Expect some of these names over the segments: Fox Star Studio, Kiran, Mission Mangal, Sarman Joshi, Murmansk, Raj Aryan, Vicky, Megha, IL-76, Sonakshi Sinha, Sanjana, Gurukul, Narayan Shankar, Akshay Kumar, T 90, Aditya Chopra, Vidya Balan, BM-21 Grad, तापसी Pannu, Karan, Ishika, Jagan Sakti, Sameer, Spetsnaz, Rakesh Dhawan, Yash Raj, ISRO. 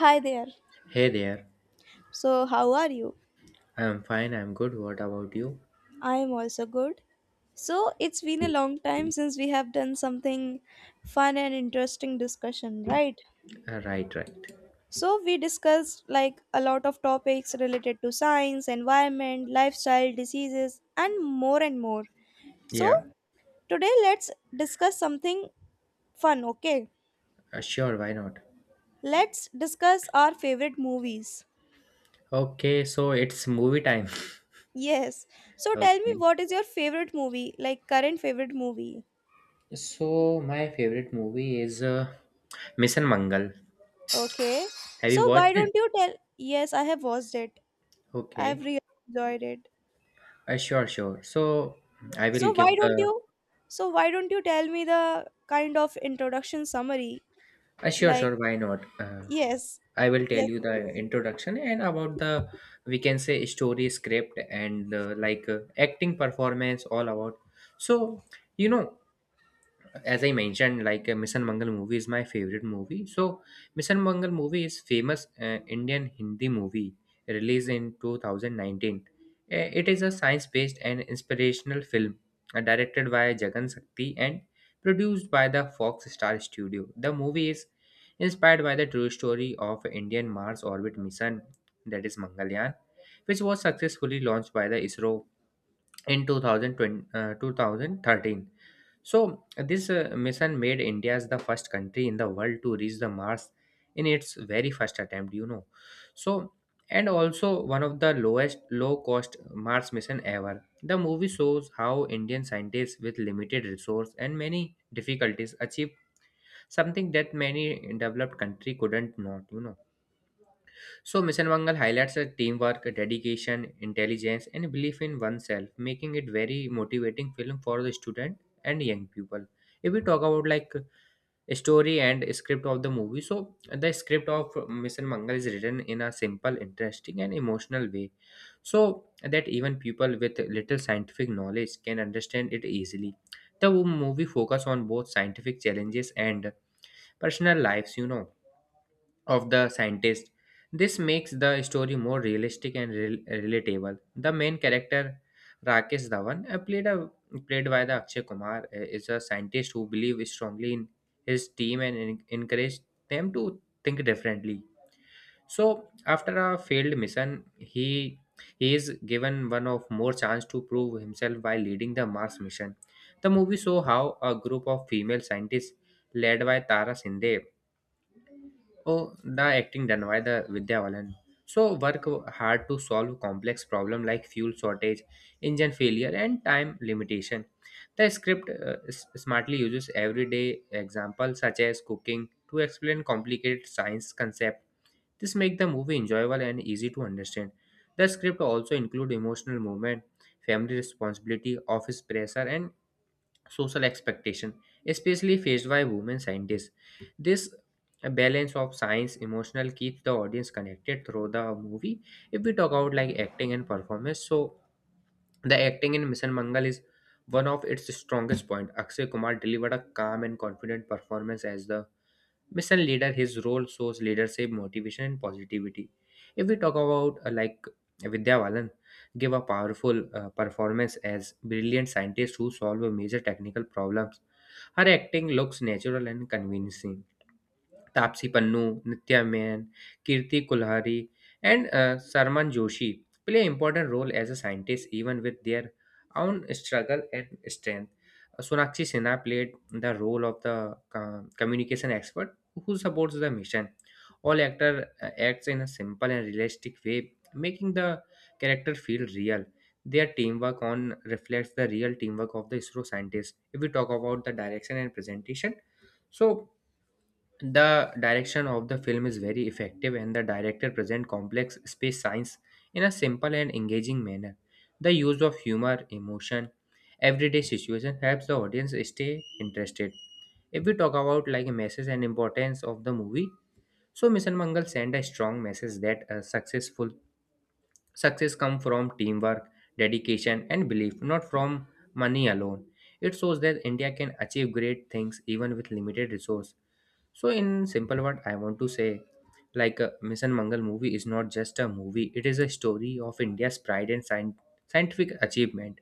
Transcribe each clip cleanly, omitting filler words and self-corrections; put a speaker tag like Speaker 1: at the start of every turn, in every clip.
Speaker 1: Hi there.
Speaker 2: Hey there.
Speaker 1: So, how are you?
Speaker 2: I'm fine, I'm good. What about you?
Speaker 1: I am also good. So, it's been a long time since we have done something fun and interesting discussion, right?
Speaker 2: Right, right.
Speaker 1: So, we discussed like a lot of topics related to science, environment, lifestyle, diseases, and more and more. So,
Speaker 2: Yeah,
Speaker 1: today let's discuss something fun, okay?
Speaker 2: sure, why not?
Speaker 1: Let's discuss our favorite movies.
Speaker 2: Okay, so it's movie time.
Speaker 1: Yes. So, tell me
Speaker 2: Okay.
Speaker 1: what is your favorite movie, like current favorite movie?
Speaker 2: So, my favorite movie is Mission Mangal.
Speaker 1: Okay.
Speaker 2: Have you
Speaker 1: So
Speaker 2: watched
Speaker 1: why don't
Speaker 2: it?
Speaker 1: you tell? Yes, I have watched it. I have
Speaker 2: Okay.
Speaker 1: really enjoyed it.
Speaker 2: Sure, sure. So, I will
Speaker 1: So why
Speaker 2: give
Speaker 1: don't
Speaker 2: the.
Speaker 1: you? So why don't you tell me the kind of introduction summary?
Speaker 2: Sure,
Speaker 1: Like
Speaker 2: sure, why not?
Speaker 1: yes,
Speaker 2: I will tell
Speaker 1: yes,
Speaker 2: you
Speaker 1: please.
Speaker 2: the introduction and about the we can say, story, script, and acting performance, all about. So, you know, as I mentioned, Mission Mangal movie is my favorite movie. So Mission Mangal movie is famous Indian Hindi movie released in 2019. It is a science-based and inspirational film directed by Jagan Sakti and produced by the Fox Star Studio. The movie is inspired by the true story of Indian Mars orbit mission, that is Mangalyaan, which was successfully launched by the ISRO in 2013. So, this mission made India as the first country in the world to reach the Mars in its very first attempt, So, and also one of the lowest low cost Mars mission ever. The movie shows how Indian scientists with limited resource and many difficulties achieved something that many developed country couldn't not, So, Mission Mangal highlights a teamwork, dedication, intelligence, and belief in oneself, making it very motivating film for the student and young people. If we talk about like story and script of the movie, so the script of Mission Mangal is written in a simple, interesting, and emotional way, so that even people with little scientific knowledge can understand it easily. The movie focus on both scientific challenges and personal lives, of the scientist. This makes the story more realistic and relatable. The main character, Rakesh Dhawan, played by the Akshay Kumar, is a scientist who believes strongly in his team and encouraged them to think differently. So, after a failed mission, he is given one of more chance to prove himself by leading the Mars mission. The movie show how a group of female scientists led by Tara Sinde. Oh, the acting done by the Vidya Balan. So work hard to solve complex problem like fuel shortage, engine failure, and time limitation. The script smartly uses everyday examples such as cooking to explain complicated science concept. This makes the movie enjoyable and easy to understand. The script also include emotional movement, family responsibility, office pressure, and social expectation, especially faced by women scientists. This balance of science emotional keeps the audience connected through the movie. If we talk about like acting and performance, so the acting in Mission Mangal is one of its strongest point. Akshay Kumar delivered a calm and confident performance as the Mission leader, his role shows leadership, motivation, and positivity. If we talk about like Vidya Balan, give a powerful performance as brilliant scientist who solve major technical problems. Her acting looks natural and convincing. तापसी Pannu, Nitya Menon, Kirti Kulhari, and Sarman Joshi play important role as a scientist even with their own struggle and strength. Sonakshi Sinha played the role of the communication expert who supports the mission. All actor acts in a simple and realistic way, making the character feel real. Their teamwork on reflects the real teamwork of the ISRO scientists. If we talk about the direction and presentation, so the direction of the film is very effective and the director presents complex space science in a simple and engaging manner. The use of humor, emotion, everyday situation helps the audience stay interested. If we talk about like a message and importance of the movie, so Mission Mangal sent a strong message that a successful success come from teamwork, dedication and belief, not from money alone. It shows that India can achieve great things even with limited resource. So, in simple word, I want to say, like a Mission Mangal movie is not just a movie; it is a story of India's pride and scientific achievement.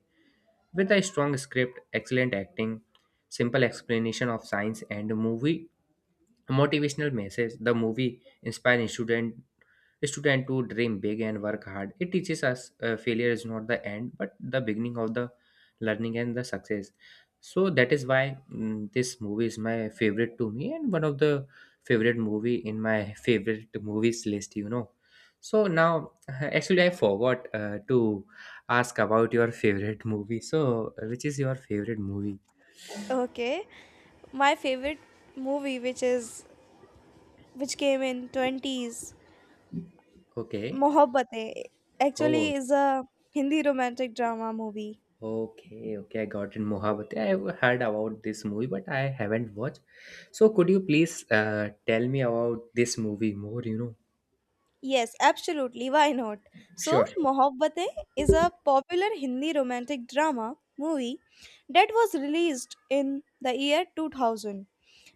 Speaker 2: With a strong script, excellent acting, simple explanation of science, and a movie motivational message, the movie inspires students student to dream big and work hard. It teaches us failure is not the end, but the beginning of the learning and the success. So that is why this movie is my favorite to me and one of the favorite movie in my favorite movies list. So now, actually, I forgot to ask about your favorite movie. So, which is your favorite movie?
Speaker 1: Okay. My favorite movie, which is which came in twenties,
Speaker 2: Okay.
Speaker 1: Mohabbatein, actually
Speaker 2: Oh,
Speaker 1: is a Hindi romantic drama movie.
Speaker 2: okay, okay. I got it. Mohabbat. I heard about this movie, but I haven't watched. So could you please tell me about this movie more,
Speaker 1: Yes, absolutely. Why not? So,
Speaker 2: Sure, sure.
Speaker 1: Mohabbatein is a popular Hindi romantic drama movie that was released in the year 2000.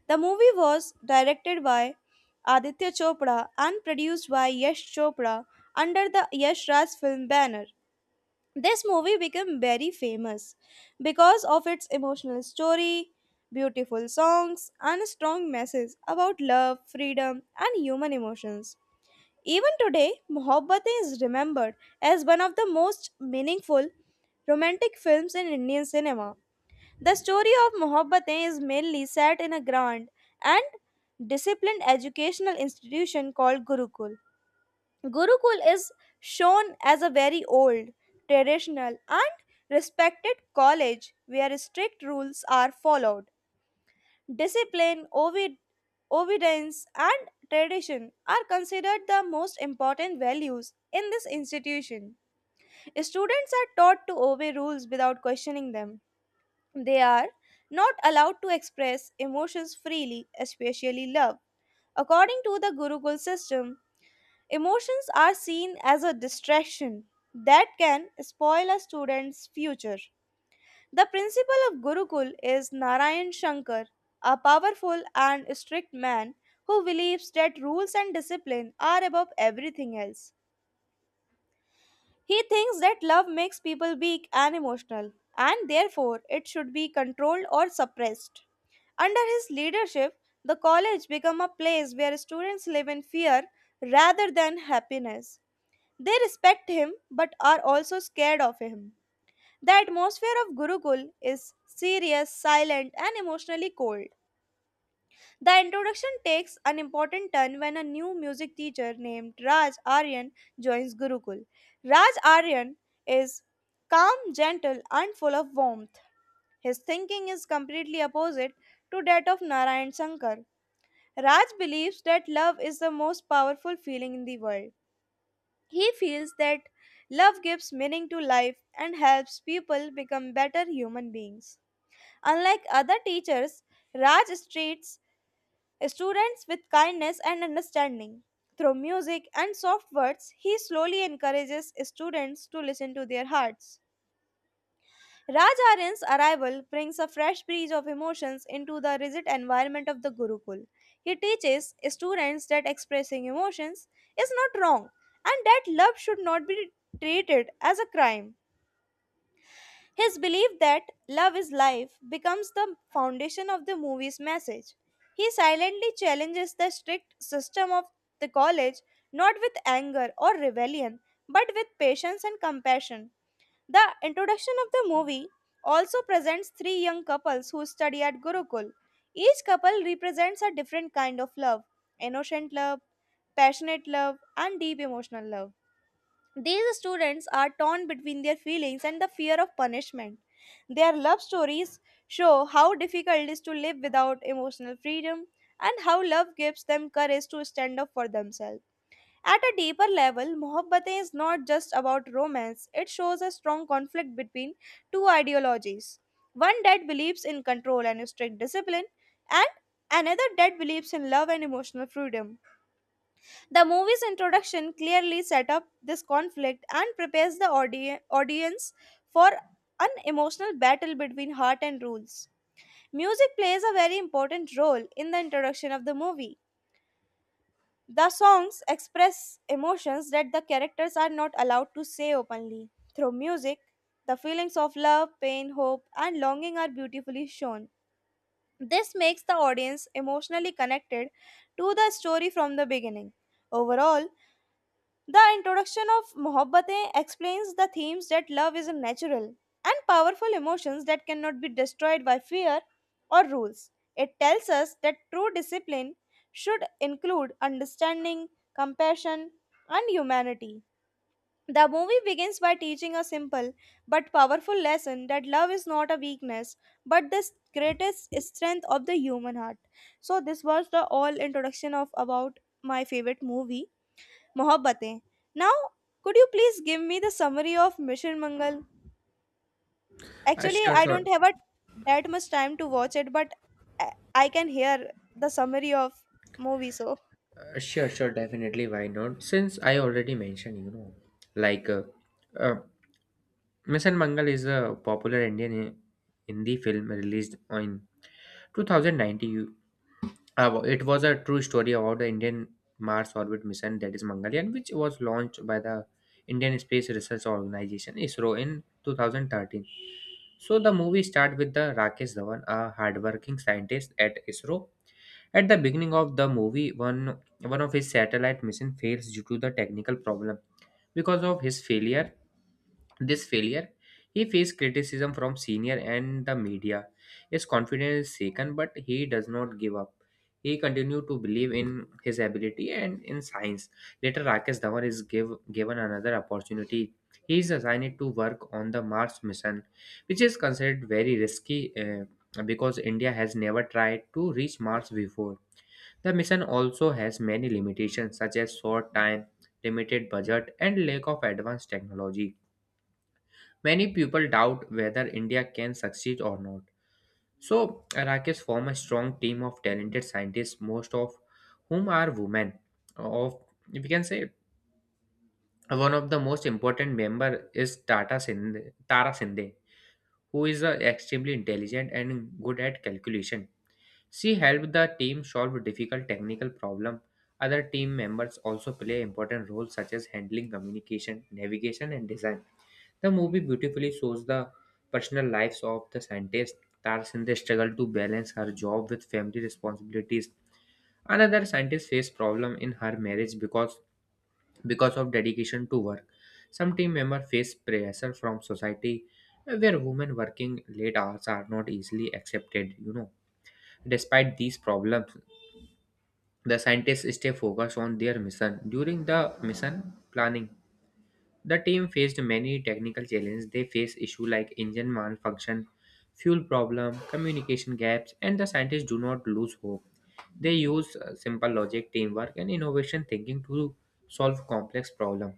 Speaker 1: The movie was directed by Aditya Chopra and produced by Yash Chopra under the Yash Raj film banner. This movie became very famous because of its emotional story, beautiful songs, and strong message about love, freedom, and human emotions. Even today, Mohabbatein is remembered as one of the most meaningful romantic films in Indian cinema. The story of Mohabbatein is mainly set in a grand and disciplined educational institution called Gurukul. Gurukul is shown as a very old, traditional, and respected college where strict rules are followed. Discipline, obedience, and tradition are considered the most important values in this institution. Students are taught to obey rules without questioning them. They are not allowed to express emotions freely, especially love. According to the Gurukul system, emotions are seen as a distraction that can spoil a student's future. The principal of Gurukul is Narayan Shankar, a powerful and strict man who believes that rules and discipline are above everything else. He thinks that love makes people weak and emotional, and therefore it should be controlled or suppressed. Under his leadership, the college became a place where students live in fear rather than happiness. They respect him but are also scared of him. The atmosphere of Gurukul is serious, silent, and emotionally cold. The introduction takes an important turn when a new music teacher named Raj Aryan joins Gurukul. Raj Aryan is calm, gentle, and full of warmth. His thinking is completely opposite to that of Narayan Shankar. Raj believes that love is the most powerful feeling in the world. He feels that love gives meaning to life and helps people become better human beings. Unlike other teachers, Raj treats students with kindness and understanding. Through music and soft words, he slowly encourages students to listen to their hearts. Raj Aryan's arrival brings a fresh breeze of emotions into the rigid environment of the Gurukul. He teaches students that expressing emotions is not wrong and that love should not be treated as a crime. His belief that love is life becomes the foundation of the movie's message. He silently challenges the strict system of the college not with anger or rebellion but with patience and compassion. The introduction of the movie also presents three young couples who study at Gurukul. Each couple represents a different kind of love innocent love, passionate love, and deep emotional love. These students are torn between their feelings and the fear of punishment. Their love stories show how difficult it is to live without emotional freedom and how love gives them courage to stand up for themselves. At a deeper level, Mohabbatein is not just about romance, it shows a strong conflict between two ideologies. One that believes in control and strict discipline, and another that believes in love and emotional freedom. The movie's introduction clearly set up this conflict and prepares the audience for an emotional battle between heart and rules. Music plays a very important role in the introduction of the movie. The songs express emotions that the characters are not allowed to say openly. Through music, the feelings of love, pain, hope, and longing are beautifully shown. This makes the audience emotionally connected to the story from the beginning. Overall, the introduction of Mohabbatein explains the themes that love is a natural and powerful emotions that cannot be destroyed by fear or rules. It tells us that true discipline should include understanding, compassion, and humanity. The movie begins by teaching a simple but powerful lesson that love is not a weakness but the greatest strength of the human heart. So this was the all introduction of about my favorite movie Mohabbatein. Now, could you please give me the summary of Mission Mangal?
Speaker 2: Uh,
Speaker 1: Actually,
Speaker 2: sure,
Speaker 1: I don't
Speaker 2: sure.
Speaker 1: have a, that much time to watch it, but I can hear the summary of movie. So,
Speaker 2: Sure, definitely, why not? Since I already mentioned, like uh, uh, Mission Mangal is a popular Indian Hindi film released in 2019. It was a true story about the Indian Mars orbit mission, that is Mangalyaan, which was launched by the Indian Space Research Organization (ISRO) in 2013. So the movie starts with the Rakesh Dhawan, a hardworking scientist at ISRO. At the beginning of the movie, one of his satellite mission fails due to the technical problem. Because of his failure, this failure, he faced criticism from senior and the media. His confidence is shaken, but he does not give up. He continued to believe in his ability and in science. Later, Rakesh Dhawan is given another opportunity. He is assigned to work on the Mars mission, which is considered very risky because India has never tried to reach Mars before. The mission also has many limitations, such as short time, limited budget, and lack of advanced technology. Many people doubt whether India can succeed or not. So, Rakesh form a strong team of talented scientists, most of whom are women. Of if you can say one of the most important member is Tara Sinde, who is extremely intelligent and good at calculation. She helped the team solve difficult technical problem. Other team members also play important roles such as handling communication, navigation, and design. The movie beautifully shows the personal lives of the scientists. Tarsinde struggled to balance her job with family responsibilities. Another scientist faced problem in her marriage because of dedication to work. Some team members face pressure from society where women working late hours are not easily accepted, Despite these problems, the scientists stay focused on their mission during the mission planning. The team faced many technical challenges. They faced issues like engine malfunction, fuel problem, communication gaps, and the scientists do not lose hope. They use simple logic, teamwork, and innovation thinking to solve complex problems.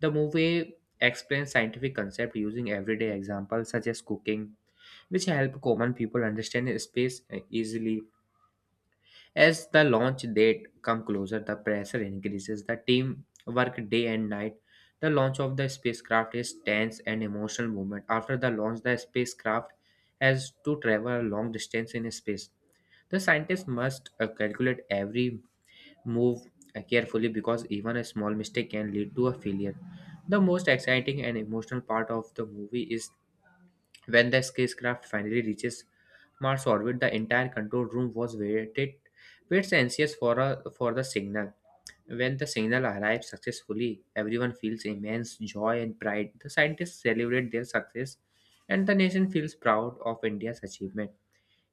Speaker 2: The movie explains scientific concepts using everyday examples such as cooking, which help common people understand space easily. As the launch date come closer, the pressure increases. The team work day and night. The launch of the spacecraft is tense and emotional moment. After the launch, the spacecraft has to travel a long distance in space. The scientists must calculate every move carefully because even a small mistake can lead to a failure. The most exciting and emotional part of the movie is when the spacecraft finally reaches Mars orbit, the entire control room waits anxious for the signal. When the signal arrives successfully, everyone feels immense joy and pride. The scientists celebrate their success, and the nation feels proud of India's achievement.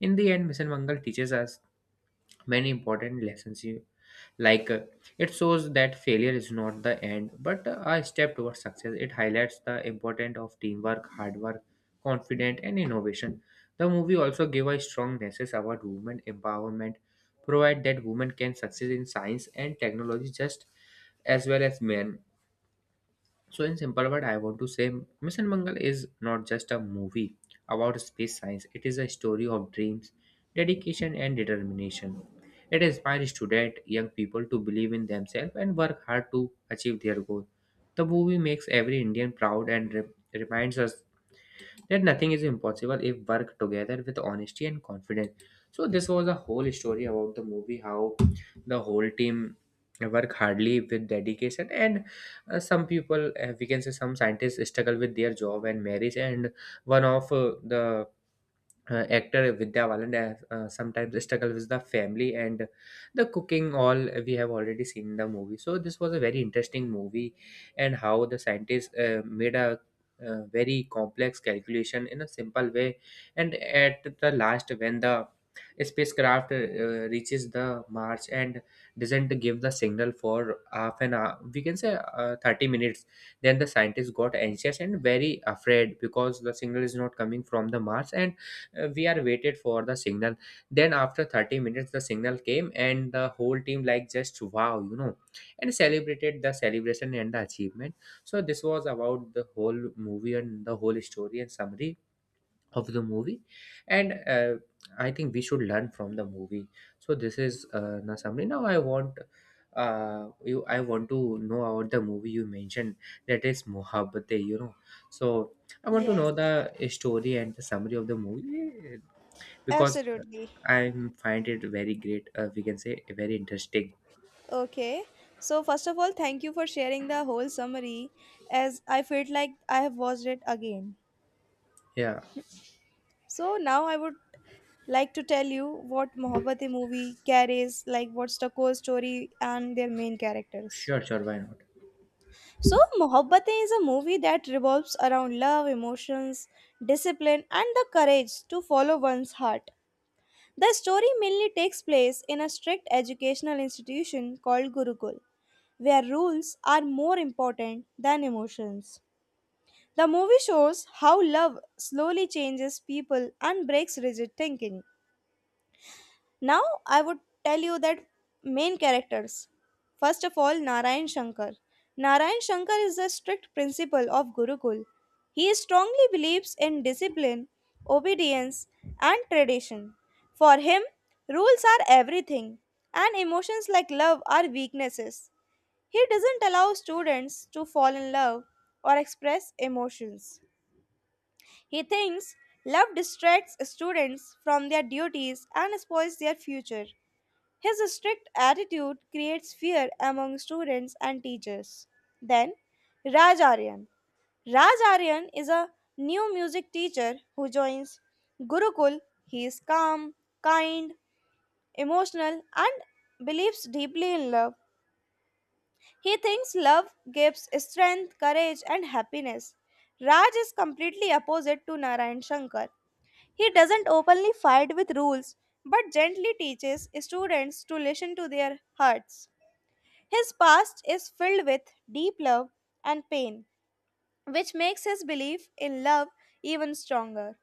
Speaker 2: In the end, Mission Mangal teaches us many important lessons like it shows that failure is not the end but a step towards success. It highlights the importance of teamwork, hard work, confidence and innovation. The movie also gave a strong message about women empowerment, provide that women can succeed in science and technology just as well as men. So, in simple word, I want to say Mission Mangal is not just a movie about space science, it is a story of dreams, dedication, and determination. It inspires students, young people to believe in themselves and work hard to achieve their goal. The movie makes every Indian proud and reminds us that nothing is impossible if work together with honesty and confidence. So this was a whole story about the movie, how the whole team work hardly with dedication, and some people, we can say some scientists struggle with their job and marriage, and one of the actor Vidya Balan has, sometimes struggle with the family and the cooking, all we have already seen in the movie. So this was a very interesting movie, and how the scientists made a very complex calculation in a simple way. And at the last, when the spacecraft reaches the Mars and doesn't give the signal for half an hour, we can say 30 minutes, then the scientists got anxious and very afraid because the signal is not coming from the Mars, and we are waited for the signal. Then after 30 minutes the signal came and the whole team like just wow, and celebrated the celebration and the achievement. So this was about the whole movie and the whole story and summary of the movie. And I think we should learn from the movie. So this is the summary. Now I want you I want to know about the movie you mentioned, that is Mohabbate, so I want to
Speaker 1: yes,
Speaker 2: know the story and the summary of the movie, because
Speaker 1: absolutely.
Speaker 2: I find it very great. We can say very interesting.
Speaker 1: Okay. So, first of all, thank you for sharing the whole summary, as I felt like I have watched it again.
Speaker 2: Yeah,
Speaker 1: So now I would like to tell you what Mohabbatein movie carries, like what's the core story and their main characters.
Speaker 2: sure, sure. Why not?
Speaker 1: So, Mohabbatein is a movie that revolves around love, emotions, discipline, and the courage to follow one's heart. The story mainly takes place in a strict educational institution called Gurukul, where rules are more important than emotions. The movie shows how love slowly changes people and breaks rigid thinking. Now I would tell you that main characters. First of all, Narayan Shankar. Narayan Shankar is a strict principal of Gurukul. He strongly believes in discipline, obedience, and tradition. For him, rules are everything, and emotions like love are weaknesses. He doesn't allow students to fall in love or express emotions. He thinks love distracts students from their duties and spoils their future. His strict attitude creates fear among students and teachers. Then, Raj Aryan. Raj Aryan is a new music teacher who joins Gurukul. He is calm, kind, emotional, and believes deeply in love. He thinks love gives strength, courage, and happiness. Raj is completely opposite to Narayan Shankar. He doesn't openly fight with rules but gently teaches students to listen to their hearts. His past is filled with deep love and pain, which makes his belief in love even stronger.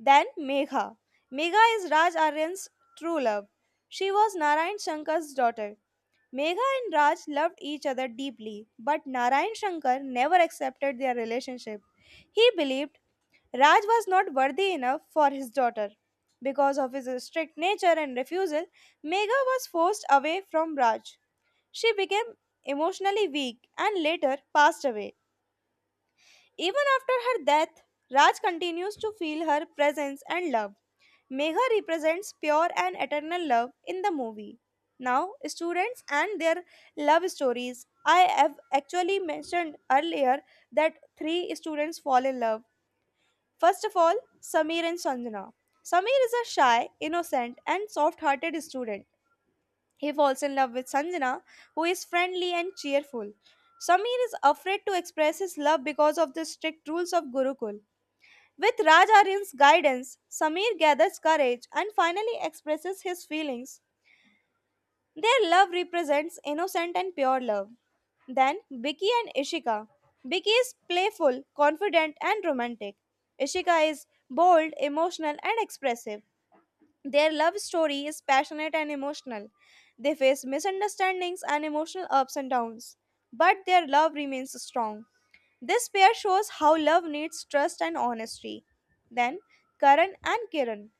Speaker 1: Then Megha. Megha is Raj Aryan's true love. She was Narayan Shankar's daughter. Megha and Raj loved each other deeply, but Narayan Shankar never accepted their relationship. He believed Raj was not worthy enough for his daughter. Because of his strict nature and refusal, Megha was forced away from Raj. She became emotionally weak and later passed away. Even after her death, Raj continues to feel her presence and love. Megha represents pure and eternal love in the movie. Now, students and their love stories. I have actually mentioned earlier that three students fall in love. First of all, Sameer and Sanjana. Sameer is a shy, innocent, and soft hearted student. He falls in love with Sanjana, who is friendly and cheerful. Samir is afraid to express his love because of the strict rules of Gurukul. With Raj Aryan's guidance, Samir gathers courage and finally expresses his feelings. Their love represents innocent and pure love. Then Vicky and Ishika. Vicky is playful, confident, and romantic. Ishika is bold, emotional, and expressive. Their love story is passionate and emotional. They face misunderstandings and emotional ups and downs, but their love remains strong. This pair shows how love needs trust and honesty. Then, Karan and Kiran.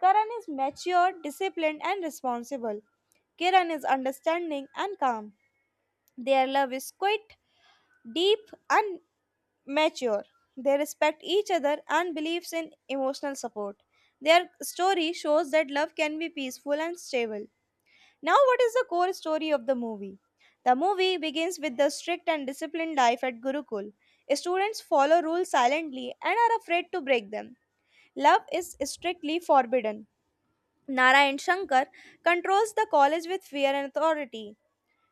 Speaker 1: Karan is mature, disciplined, and responsible. Kiran is understanding and calm. Their love is quiet, deep, and mature. They respect each other and believes in emotional support. Their story shows that love can be peaceful and stable. Now what is the core story of the movie? The movie begins with the strict and disciplined life at Gurukul. Students follow rules silently and are afraid to break them. Love is strictly forbidden. Narayan Shankar controls the college with fear and authority.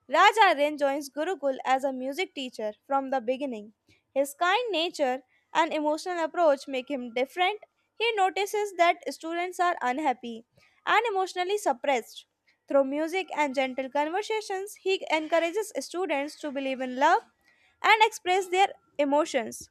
Speaker 1: Raj Aryan joins Gurukul as a music teacher from the beginning. His kind nature and emotional approach make him different. He notices that students are unhappy and emotionally suppressed. Through music and gentle conversations, he encourages students to believe in love and express their emotions.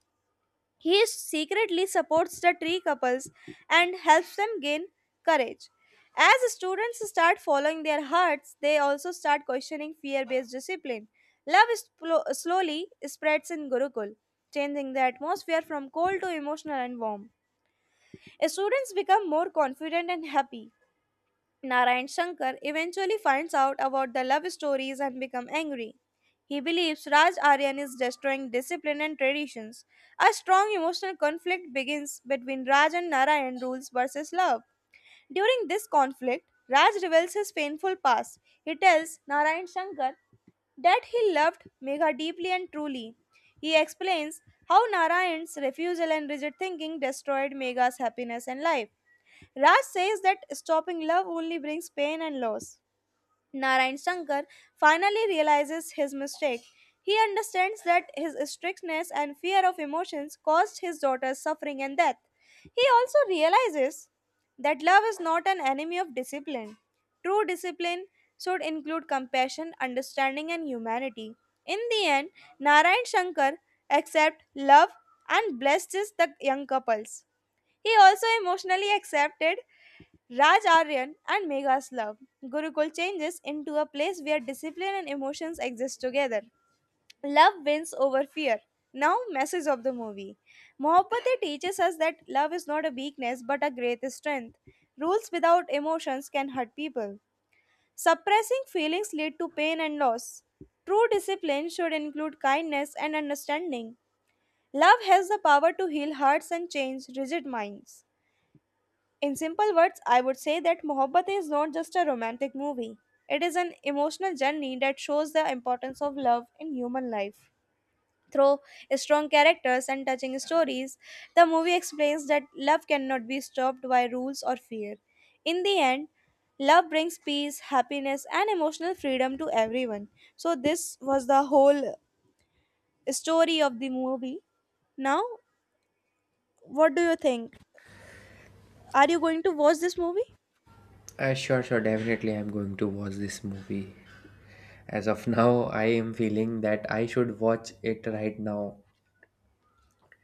Speaker 1: He secretly supports the tree couples and helps them gain courage. As students start following their hearts, they also start questioning fear based discipline. Love is slowly spreads in Gurukul, changing the atmosphere from cold to emotional and warm. Students become more confident and happy. Narayan Shankar eventually finds out about the love stories and becomes angry. He believes Raj Aryan is destroying discipline and traditions. A strong emotional conflict begins between Raj and Narayan rules versus love. During this conflict, Raj reveals his painful past. He tells Narayan Shankar that he loved Megha deeply and truly. He explains how Narayan's refusal and rigid thinking destroyed Megha's happiness and life. Raj says that stopping love only brings pain and loss. Narayan Shankar finally realizes his mistake. He understands that his strictness and fear of emotions caused his daughter's suffering and death. He also realizes that love is not an enemy of discipline. True discipline should include compassion, understanding, and humanity. In the end, Narayan Shankar accepts love and blesses the young couples. He also emotionally accepted Raj Aryan and Megha's love. Gurukul changes into a place where discipline and emotions exist together. Love wins over fear. Now, message of the movie. Mohabbate teaches us that love is not a weakness but a great strength. Rules without emotions can hurt people. Suppressing feelings lead to pain and loss. True discipline should include kindness and understanding. Love has the power to heal hearts and change rigid minds. In simple words, I would say that Mohabbat is not just a romantic movie. It is an emotional journey that shows the importance of love in human life. Through strong characters and touching stories, the movie explains that love cannot be stopped by rules or fear. In the end, love brings peace, happiness, and emotional freedom to everyone. So, this was the whole story of the movie. Now, what do you think? Are you going to watch this movie?
Speaker 2: Sure, sure. Definitely, I'm going to watch this movie. As of now, I am feeling that I should watch it right now.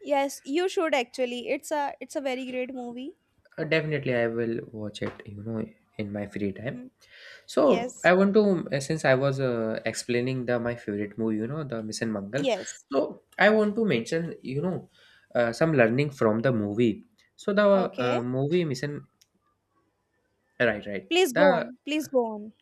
Speaker 1: Yes, you should actually. It's a very great movie.
Speaker 2: Definitely, I will watch it. In my free time. So
Speaker 1: Yes.
Speaker 2: I want to, since I was explaining the my favorite movie, the Mission Mangal.
Speaker 1: Yes.
Speaker 2: So I want to mention, some learning from the movie. So the
Speaker 1: Okay.
Speaker 2: movie Mission. Right, right.
Speaker 1: Please go
Speaker 2: The
Speaker 1: on. Please go on.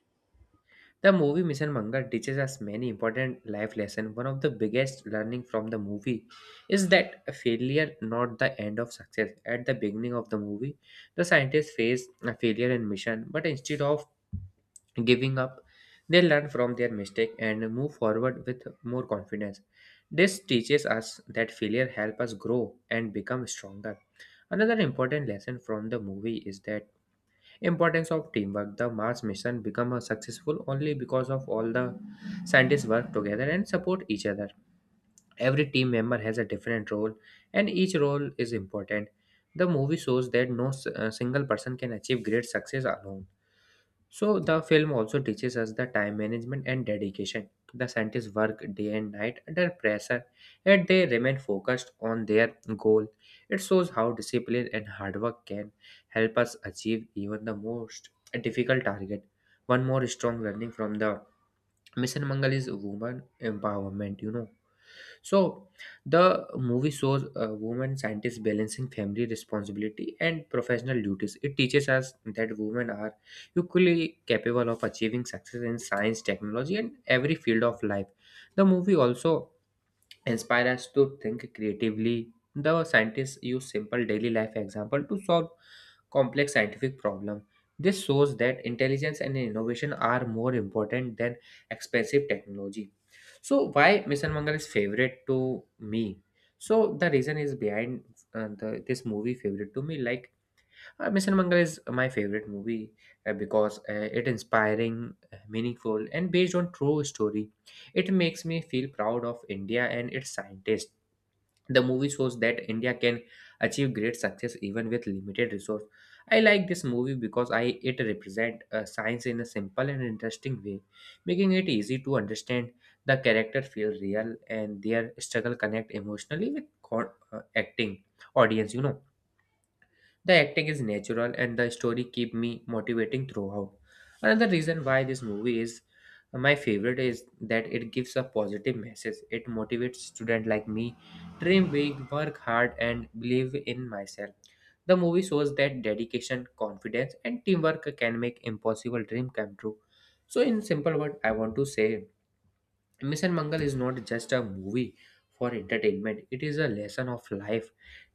Speaker 2: the movie Mission Manga teaches us many important life lessons. One of the biggest learning from the movie is that failure not the end of success. At the beginning of the movie, the scientists face a failure in mission, but instead of giving up, they learn from their mistake and move forward with more confidence. This teaches us that failure help us grow and become stronger. Another important lesson from the movie is that importance of teamwork. The Mars mission became a successful only because of all the scientists work together and support each other. Every team member has a different role, and each role is important. The movie shows that no single person can achieve great success alone. So the film also teaches us the time management and dedication. The scientists work day and night under pressure, yet they remain focused on their goal. It shows how discipline and hard work can help us achieve even the most difficult target. One more strong learning from the Mission Mangal is woman empowerment, So the movie shows a woman scientist balancing family responsibility and professional duties. It teaches us that women are equally capable of achieving success in science, technology, and every field of life. The movie also inspires us to think creatively. The scientists use simple daily life example to solve complex scientific problem. This shows that intelligence and innovation are more important than expensive technology. So why Mission Mangal is favorite to me? So the reason is behind this movie favorite to me. Like Mission Mangal is my favorite movie because it inspiring, meaningful, and based on true story. It makes me feel proud of India and its scientists. The movie shows that India can achieve great success even with limited resource. I like this movie because I, it represent science in a simple and interesting way, making it easy to understand. The character feel real and their struggle connect emotionally with acting audience, the acting is natural and the story keep me motivating throughout. Another reason why this movie is my favorite is that it gives a positive message. It motivates students like me, dream big, work hard, and believe in myself. The movie shows that dedication, confidence, and teamwork can make impossible dream come true. So in simple word I want to say Mission Mangal is not just a movie for entertainment, it is a lesson of life,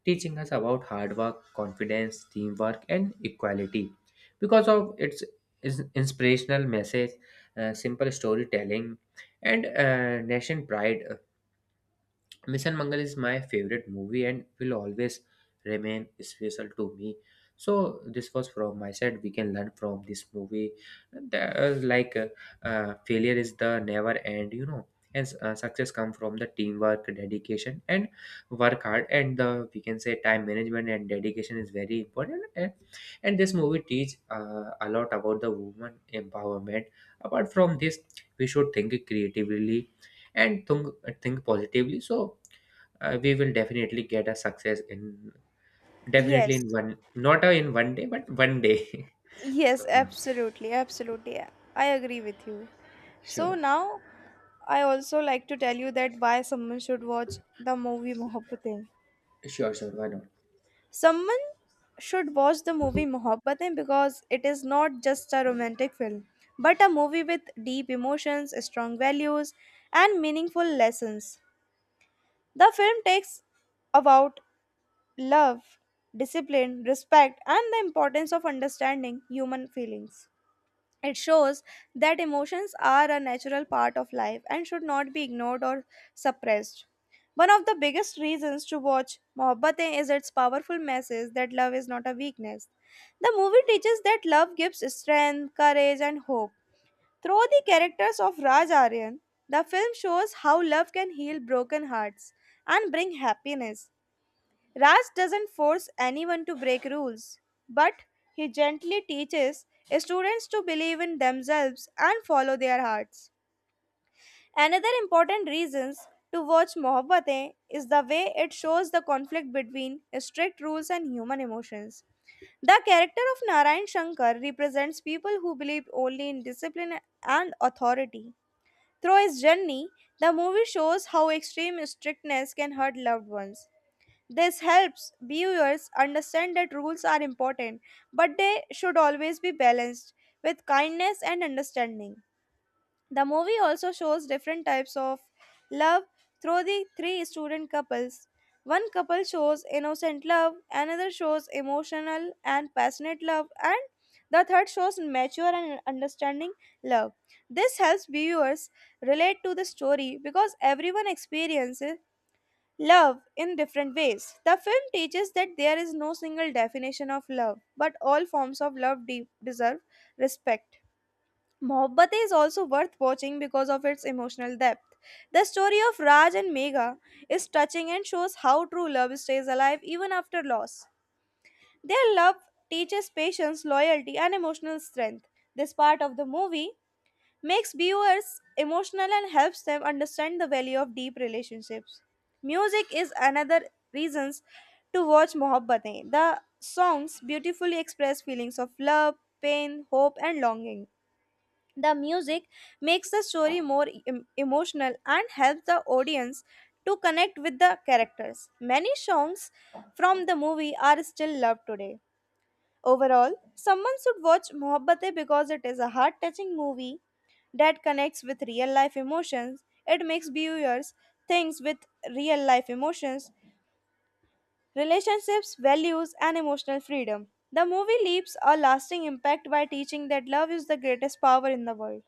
Speaker 2: teaching us about hard work, confidence, teamwork, and equality. Because of its inspirational message, simple storytelling, and nation pride, Mission Mangal is my favorite movie and will always remain special to me. So this was from my side. We can learn from this movie. There is like failure is the never end, and success come from the teamwork, dedication, and work hard. And the we can say time management and dedication is very important. And this movie teach a lot about the woman empowerment. Apart from this, we should think creatively and think positively. So we will definitely get a success in definitely
Speaker 1: Yes.
Speaker 2: in one, not a, in one day, but one day so.
Speaker 1: Yes, absolutely. Absolutely. I agree with you. So
Speaker 2: Sure,
Speaker 1: now I also like to tell you that why someone should watch the movie Mohabbatein.
Speaker 2: sure, sure. Why not?
Speaker 1: Someone should watch the movie Mohabbatein because it is not just a romantic film, but a movie with deep emotions, strong values, and meaningful lessons. The film takes about love, discipline, respect, and the importance of understanding human feelings. It shows that emotions are a natural part of life and should not be ignored or suppressed. One of the biggest reasons to watch Mohabbatein is its powerful message that love is not a weakness. The movie teaches that love gives strength, courage, and hope through the characters of Raj Aryan, the film shows how love can heal broken hearts and bring happiness. Raj doesn't force anyone to break rules, but he gently teaches students to believe in themselves and follow their hearts. Another important reason to watch Mohabbatein is the way it shows the conflict between strict rules and human emotions. The character of Narayan Shankar represents people who believe only in discipline and authority. Through his journey, the movie shows how extreme strictness can hurt loved ones. This helps viewers understand that rules are important, but they should always be balanced with kindness and understanding. The movie also shows different types of love through the three student couples. One couple shows innocent love, another shows emotional and passionate love, and the third shows mature and understanding love. This helps viewers relate to the story because everyone experiences love in different ways. The film teaches that there is no single definition of love, but all forms of love deserve respect. Mohabbatein is also worth watching because of its emotional depth. The story of Raj and Megha is touching and shows how true love stays alive even after loss. Their love teaches patience, loyalty, and emotional strength. This part of the movie makes viewers emotional and helps them understand the value of deep relationships. Music is another reason to watch Mohabbatein. The songs beautifully express feelings of love, pain, hope, and longing. The music makes the story more emotional and helps the audience to connect with the characters. Many songs from the movie are still loved today. Overall, someone should watch Mohabbate because it is a heart touching movie that connects with real life emotions. It makes viewers think with real life emotions, relationships, values, and emotional freedom. The movie leaves a lasting impact by teaching that love is the greatest power in the world.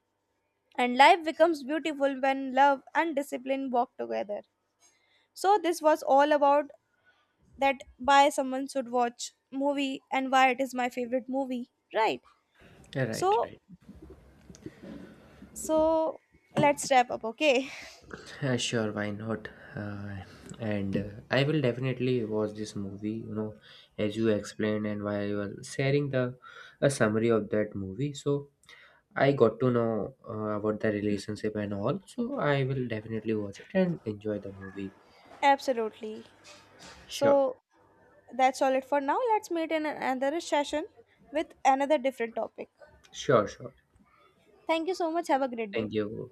Speaker 1: And life becomes beautiful when love and discipline walk together. So this was all about that why someone should watch movie and why it is my favorite movie, right?
Speaker 2: Yeah, right,
Speaker 1: So
Speaker 2: right.
Speaker 1: so let's wrap up, okay?
Speaker 2: Sure, why not. Uh, and I will definitely watch this movie, as you explained, and while you were sharing the a summary of that movie, so I got to know about the relationship and all. So I will definitely watch it and enjoy the movie.
Speaker 1: Absolutely.
Speaker 2: Sure,
Speaker 1: So that's all it for now. Let's meet in another session with another different topic.
Speaker 2: sure, sure.
Speaker 1: Thank you so much. Have a great day.
Speaker 2: Thank you.